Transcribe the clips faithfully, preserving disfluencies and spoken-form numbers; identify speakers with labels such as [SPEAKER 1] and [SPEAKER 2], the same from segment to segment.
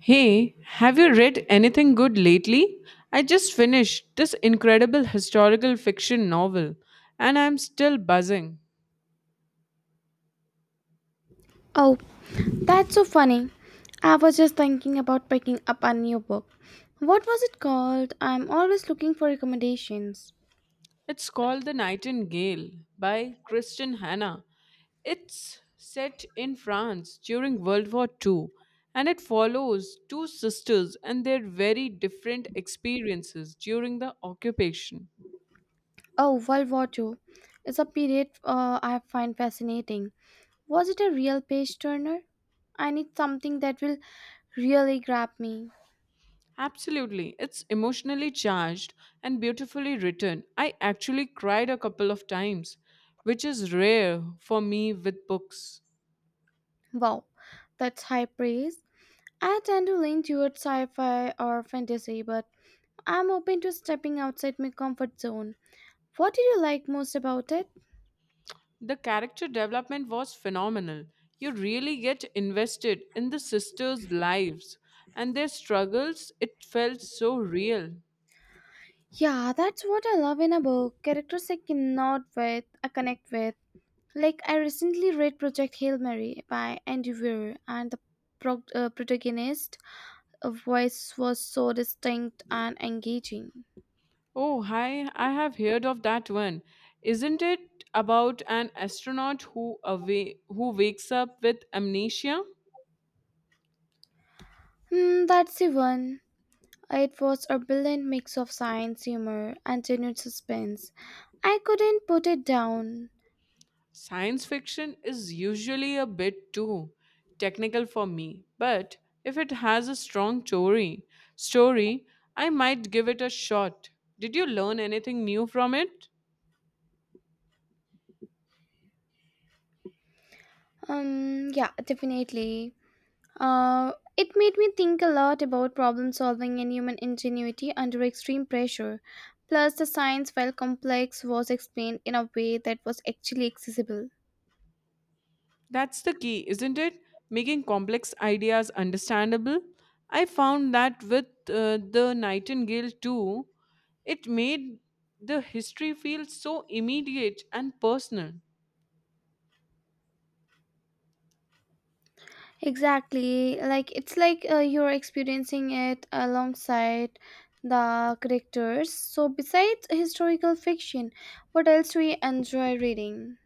[SPEAKER 1] Hey, have you read anything good lately? I just finished this incredible historical fiction novel and I'm still buzzing.
[SPEAKER 2] Oh, that's so funny. I was just thinking about picking up a new book. What was it called? I'm always looking for recommendations.
[SPEAKER 1] It's called The Nightingale by Kristen Hannah. It's set in France during World War two and it follows two sisters and their very different experiences during the occupation.
[SPEAKER 2] Oh, World War Two. It's a period uh, I find fascinating. Was it a real page turner? I need something that will really grab me.
[SPEAKER 1] Absolutely. It's emotionally charged and beautifully written. I actually cried a couple of times, which is rare for me with books.
[SPEAKER 2] Wow, that's high praise. I tend to lean towards sci fi or fantasy, but I'm open to stepping outside my comfort zone. What did you like most about it?
[SPEAKER 1] The character development was phenomenal. You really get invested in the sisters' lives and their struggles. It felt so real.
[SPEAKER 2] Yeah, that's what I love in a book. Characters I cannot with, I connect with. Like I recently read Project Hail Mary by Andy Weir, and the prog- uh, protagonist uh, voice was so distinct and engaging.
[SPEAKER 1] Oh, hi, I have heard of that one. Isn't it about an astronaut who away who wakes up with amnesia?
[SPEAKER 2] Hmm, that's the one. It was a brilliant mix of science, humor, and genuine suspense. I couldn't put it down.
[SPEAKER 1] Science fiction is usually a bit too technical for me, but if it has a strong story, story, I might give it a shot. Did you learn anything new from it?
[SPEAKER 2] Um, yeah, definitely. Uh, it made me think a lot about problem solving and human ingenuity under extreme pressure. Plus, the science, while complex, was explained in a way that was actually accessible.
[SPEAKER 1] That's the key, isn't it? Making complex ideas understandable. I found that with uh, The Nightingale too, it made the history feel so immediate and personal.
[SPEAKER 2] Exactly, like it's like uh, you're experiencing it alongside the characters. So, besides historical fiction, what else do you enjoy reading?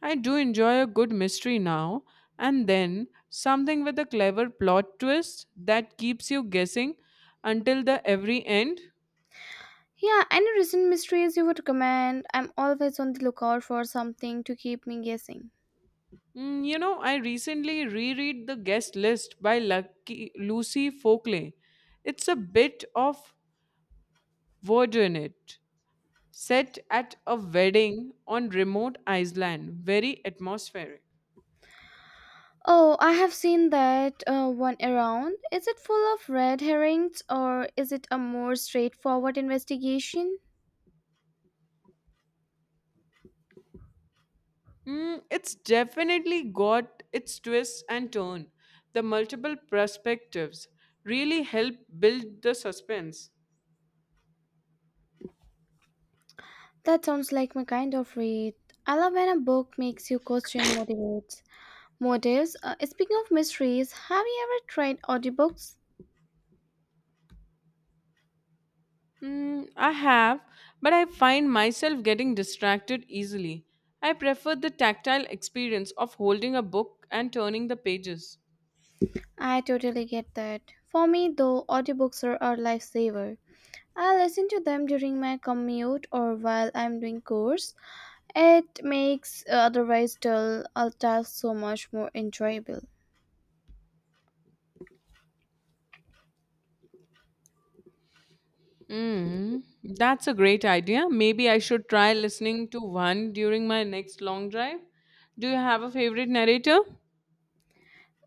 [SPEAKER 1] I do enjoy a good mystery now and then, something with a clever plot twist that keeps you guessing until the every end.
[SPEAKER 2] Yeah, any recent mysteries you would recommend? I'm always on the lookout for something to keep me guessing.
[SPEAKER 1] Mm, you know, I recently reread The Guest List by Lucky Lucy Folkley. It's a bit of voodoo in it, set at a wedding on remote Iceland, very atmospheric.
[SPEAKER 2] Oh, I have seen that uh, one around. Is it full of red herrings or is it a more straightforward investigation?
[SPEAKER 1] Mm, it's definitely got its twists and turn. The multiple perspectives really help build the suspense.
[SPEAKER 2] That sounds like my kind of read. I love when a book makes you question motivates. Motives. Uh, speaking of mysteries, have you ever tried audiobooks?
[SPEAKER 1] Mm, I have, but I find myself getting distracted easily. I prefer the tactile experience of holding a book and turning the pages.
[SPEAKER 2] I totally get that. For me, though, audiobooks are a lifesaver. I listen to them during my commute or while I'm doing chores. It makes uh, otherwise dull uh, task so much more enjoyable.
[SPEAKER 1] Mm, that's a great idea. Maybe I should try listening to one during my next long drive. Do you have a favorite narrator?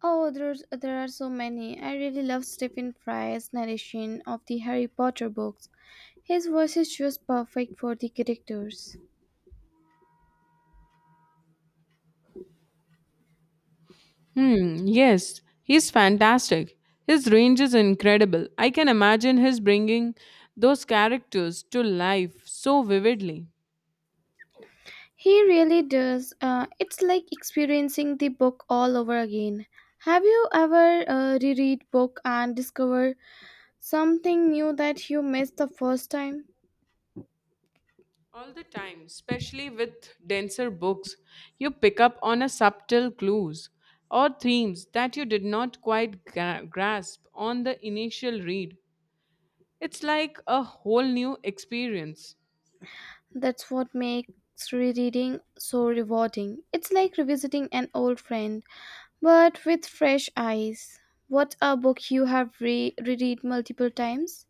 [SPEAKER 2] Oh, there's there are so many. I really love Stephen Fry's narration of the Harry Potter books. His voice is just perfect for the characters.
[SPEAKER 1] Hmm, yes, he's fantastic. His range is incredible. I can imagine his bringing those characters to life so vividly.
[SPEAKER 2] He really does. Uh, it's like experiencing the book all over again. Have you ever uh, reread book and discover something new that you missed the first time?
[SPEAKER 1] All the time, especially with denser books, you pick up on a subtle clues or themes that you did not quite gra- grasp on the initial read. It's like a whole new experience.
[SPEAKER 2] That's what makes rereading so rewarding. It's like revisiting an old friend, but with fresh eyes. What a book you have re- reread multiple times?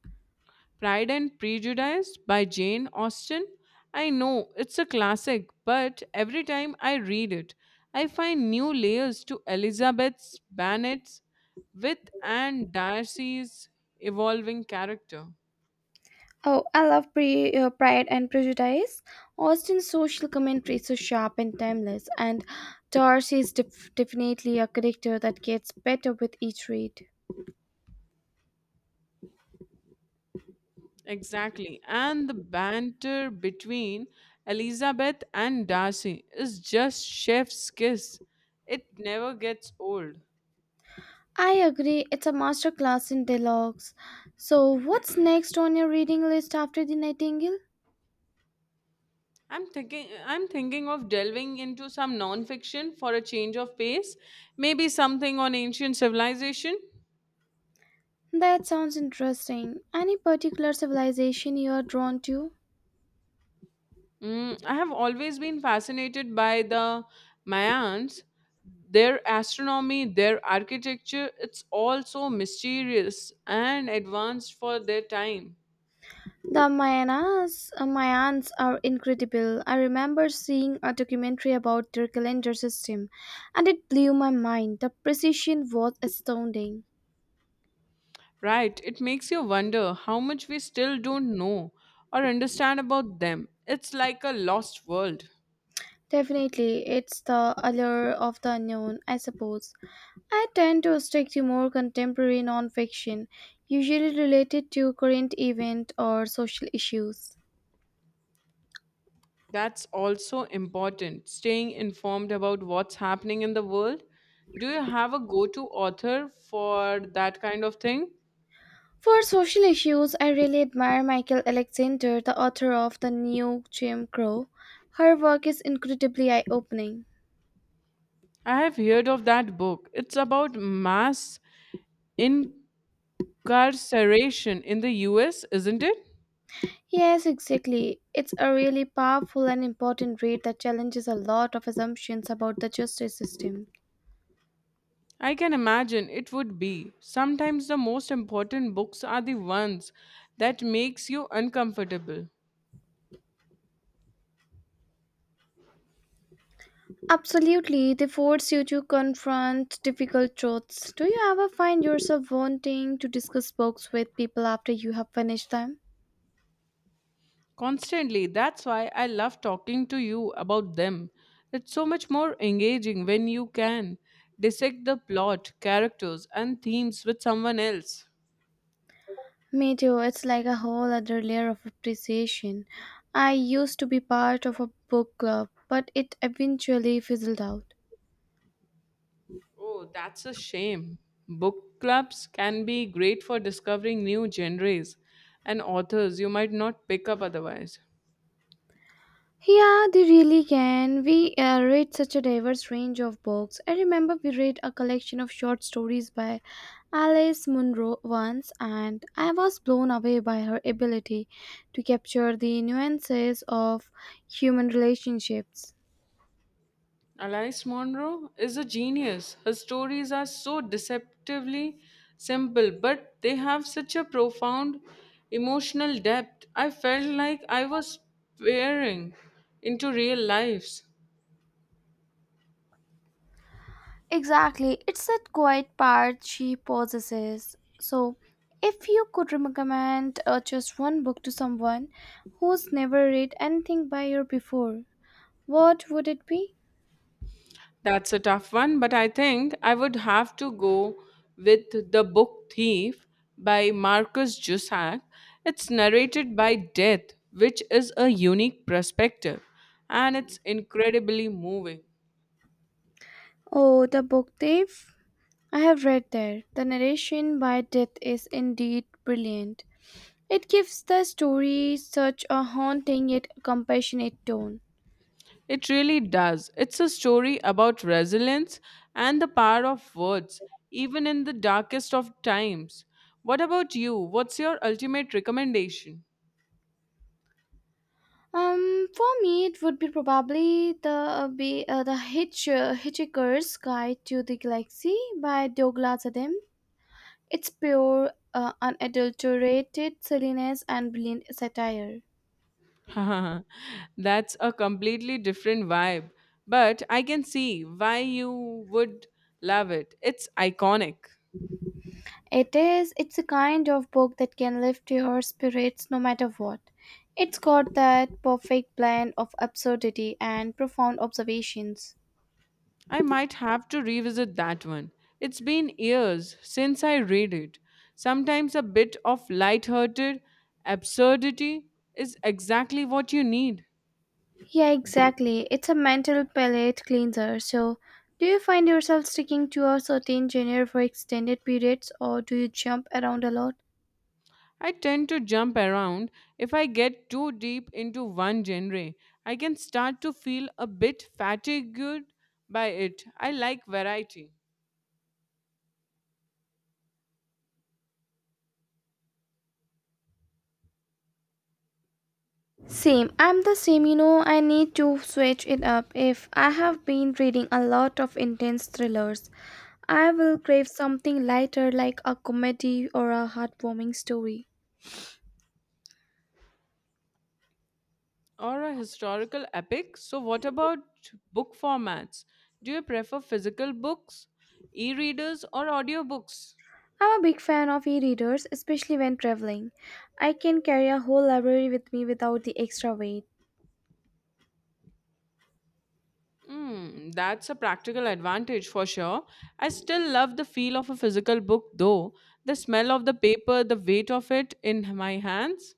[SPEAKER 1] Pride and Prejudice by Jane Austen. I know it's a classic, but every time I read it, I find new layers to Elizabeth's Bennet's with and Darcy's evolving character.
[SPEAKER 2] Oh, I love pre- uh, Pride and Prejudice. Austen's social commentary is so sharp and timeless, and Darcy is def- definitely a character that gets better with each read.
[SPEAKER 1] Exactly. And the banter between Elizabeth and Darcy is just chef's kiss. It never gets old.
[SPEAKER 2] I agree, it's a masterclass in dialogues. So, what's next on your reading list after The Nightingale?
[SPEAKER 1] I'm thinking I'm thinking of delving into some non-fiction for a change of pace, maybe something on ancient civilization.
[SPEAKER 2] That sounds interesting. Any particular civilization you are drawn to?
[SPEAKER 1] Mm, I have always been fascinated by the Mayans, their astronomy, their architecture. It's all so mysterious and advanced for their time.
[SPEAKER 2] The Mayanas, uh, Mayans are incredible. I remember seeing a documentary about their calendar system and it blew my mind. The precision was astounding.
[SPEAKER 1] Right, it makes you wonder how much we still don't know or understand about them. It's like a lost world.
[SPEAKER 2] Definitely, it's the allure of the unknown, I suppose. I tend to stick to more contemporary nonfiction, usually related to current event or social issues.
[SPEAKER 1] That's also important, staying informed about what's happening in the world. Do you have a go to author for that kind of thing?
[SPEAKER 2] For social issues, I really admire Michael Alexander, the author of The New Jim Crow. Her work is incredibly eye opening.
[SPEAKER 1] I have heard of that book. It's about mass incarceration in the U S, isn't it?
[SPEAKER 2] Yes, exactly. It's a really powerful and important read that challenges a lot of assumptions about the justice system.
[SPEAKER 1] I can imagine it would be. Sometimes the most important books are the ones that makes you uncomfortable.
[SPEAKER 2] Absolutely, they force you to confront difficult truths. Do you ever find yourself wanting to discuss books with people after you have finished them?
[SPEAKER 1] Constantly. That's why I love talking to you about them. It's so much more engaging when you can dissect the plot, characters, and themes with someone else.
[SPEAKER 2] Me too, it's like a whole other layer of appreciation. I used to be part of a book club, but it eventually fizzled out.
[SPEAKER 1] Oh, that's a shame. Book clubs can be great for discovering new genres and authors you might not pick up otherwise.
[SPEAKER 2] Yeah, they really can. We uh, read such a diverse range of books. I remember we read a collection of short stories by Alice Munro once, and I was blown away by her ability to capture the nuances of human relationships.
[SPEAKER 1] Alice Monroe is a genius. Her stories are so deceptively simple, but they have such a profound emotional depth. I felt like I was peering into real lives.
[SPEAKER 2] Exactly, it's that quiet part she possesses. So, if you could recommend uh, just one book to someone who's never read anything by her before, what would it be?
[SPEAKER 1] That's a tough one, but I think I would have to go with The Book Thief by Marcus Jusak. It's narrated by Death, which is a unique perspective, and it's incredibly moving.
[SPEAKER 2] Oh, the book thief? I have read there. The narration by Death is indeed brilliant. It gives the story such a haunting yet compassionate tone.
[SPEAKER 1] It really does. It's a story about resilience and the power of words, even in the darkest of times. What about you? What's your ultimate recommendation?
[SPEAKER 2] Um, for me, it would be probably the uh, be uh, the Hitch, uh, Hitchhiker's Guide to the Galaxy by Douglas Adams. It's pure, uh, unadulterated silliness and brilliant satire.
[SPEAKER 1] That's a completely different vibe, but I can see why you would love it. It's iconic.
[SPEAKER 2] It is. It's a kind of book that can lift your spirits no matter what. It's got that perfect blend of absurdity and profound observations.
[SPEAKER 1] I might have to revisit that one. It's been years since I read it. Sometimes a bit of light-hearted absurdity is exactly what you need.
[SPEAKER 2] Yeah, exactly. It's a mental palate cleanser. So, do you find yourself sticking to a certain genre for extended periods or do you jump around a lot?
[SPEAKER 1] I tend to jump around. If I get too deep into one genre, I can start to feel a bit fatigued by it. I like variety.
[SPEAKER 2] Same. I'm the same, you know. I need to switch it up. If I have been reading a lot of intense thrillers, I will crave something lighter like a comedy or a heartwarming story.
[SPEAKER 1] Or a historical epic. So, what about book formats? Do you prefer physical books, e readers, or audiobooks?
[SPEAKER 2] I'm a big fan of e readers, especially when traveling. I can carry a whole library with me without the extra weight.
[SPEAKER 1] Mm, that's a practical advantage for sure. I still love the feel of a physical book though. The smell of the paper, the weight of it in my hands.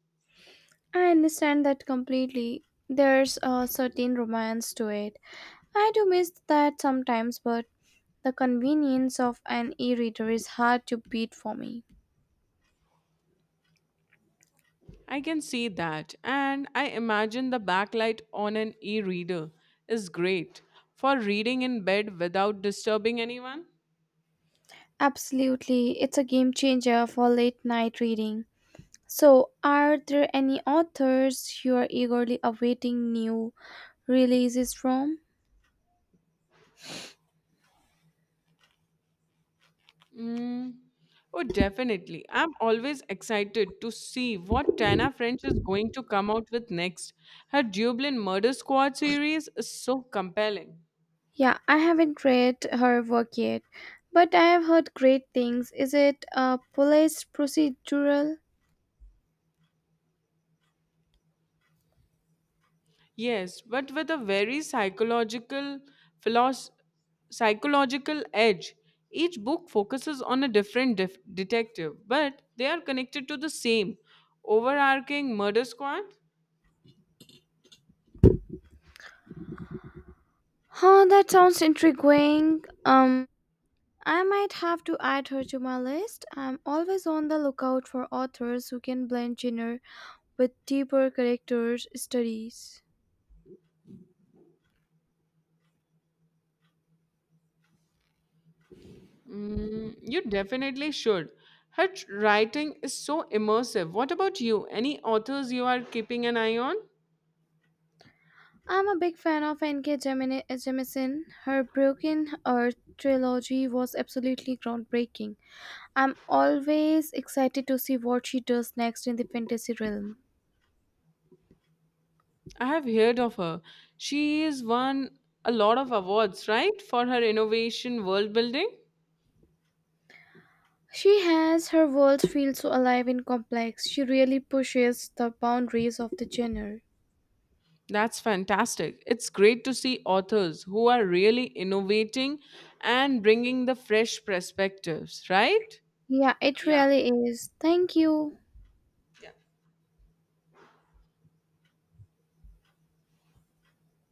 [SPEAKER 2] I understand that completely. There's a certain romance to it. I do miss that sometimes, but the convenience of an e reader is hard to beat for me.
[SPEAKER 1] I can see that. And I imagine the backlight on an e reader is great for reading in bed without disturbing anyone.
[SPEAKER 2] Absolutely, it's a game changer for late night reading. So, are there any authors you are eagerly awaiting new releases from?
[SPEAKER 1] Mm. Oh, definitely. I'm always excited to see what Tana French is going to come out with next. Her Dublin Murder Squad series is so compelling.
[SPEAKER 2] Yeah, I haven't read her work yet, but I have heard great things. Is it a police procedural?
[SPEAKER 1] Yes, but with a very psychological philos- psychological edge. Each book focuses on a different def- detective, but they are connected to the same overarching murder squad.
[SPEAKER 2] Huh, that sounds intriguing. Um, I might have to add her to my list. I'm always on the lookout for authors who can blend genre with deeper character studies.
[SPEAKER 1] Mm, you definitely should. Her tr- writing is so immersive. What about you? Any authors you are keeping an eye on?
[SPEAKER 2] I'm a big fan of N K. Jemini- Jemisin. Her Broken Earth trilogy was absolutely groundbreaking. I'm always excited to see what she does next in the fantasy realm.
[SPEAKER 1] I have heard of her. She has won a lot of awards, right, for her innovation world building.
[SPEAKER 2] She has her world feel so alive and complex. She really pushes the boundaries of the genre.
[SPEAKER 1] That's fantastic. It's great to see authors who are really innovating and bringing the fresh perspectives, right?
[SPEAKER 2] Yeah, it
[SPEAKER 1] Yeah.
[SPEAKER 2] really is. Thank you.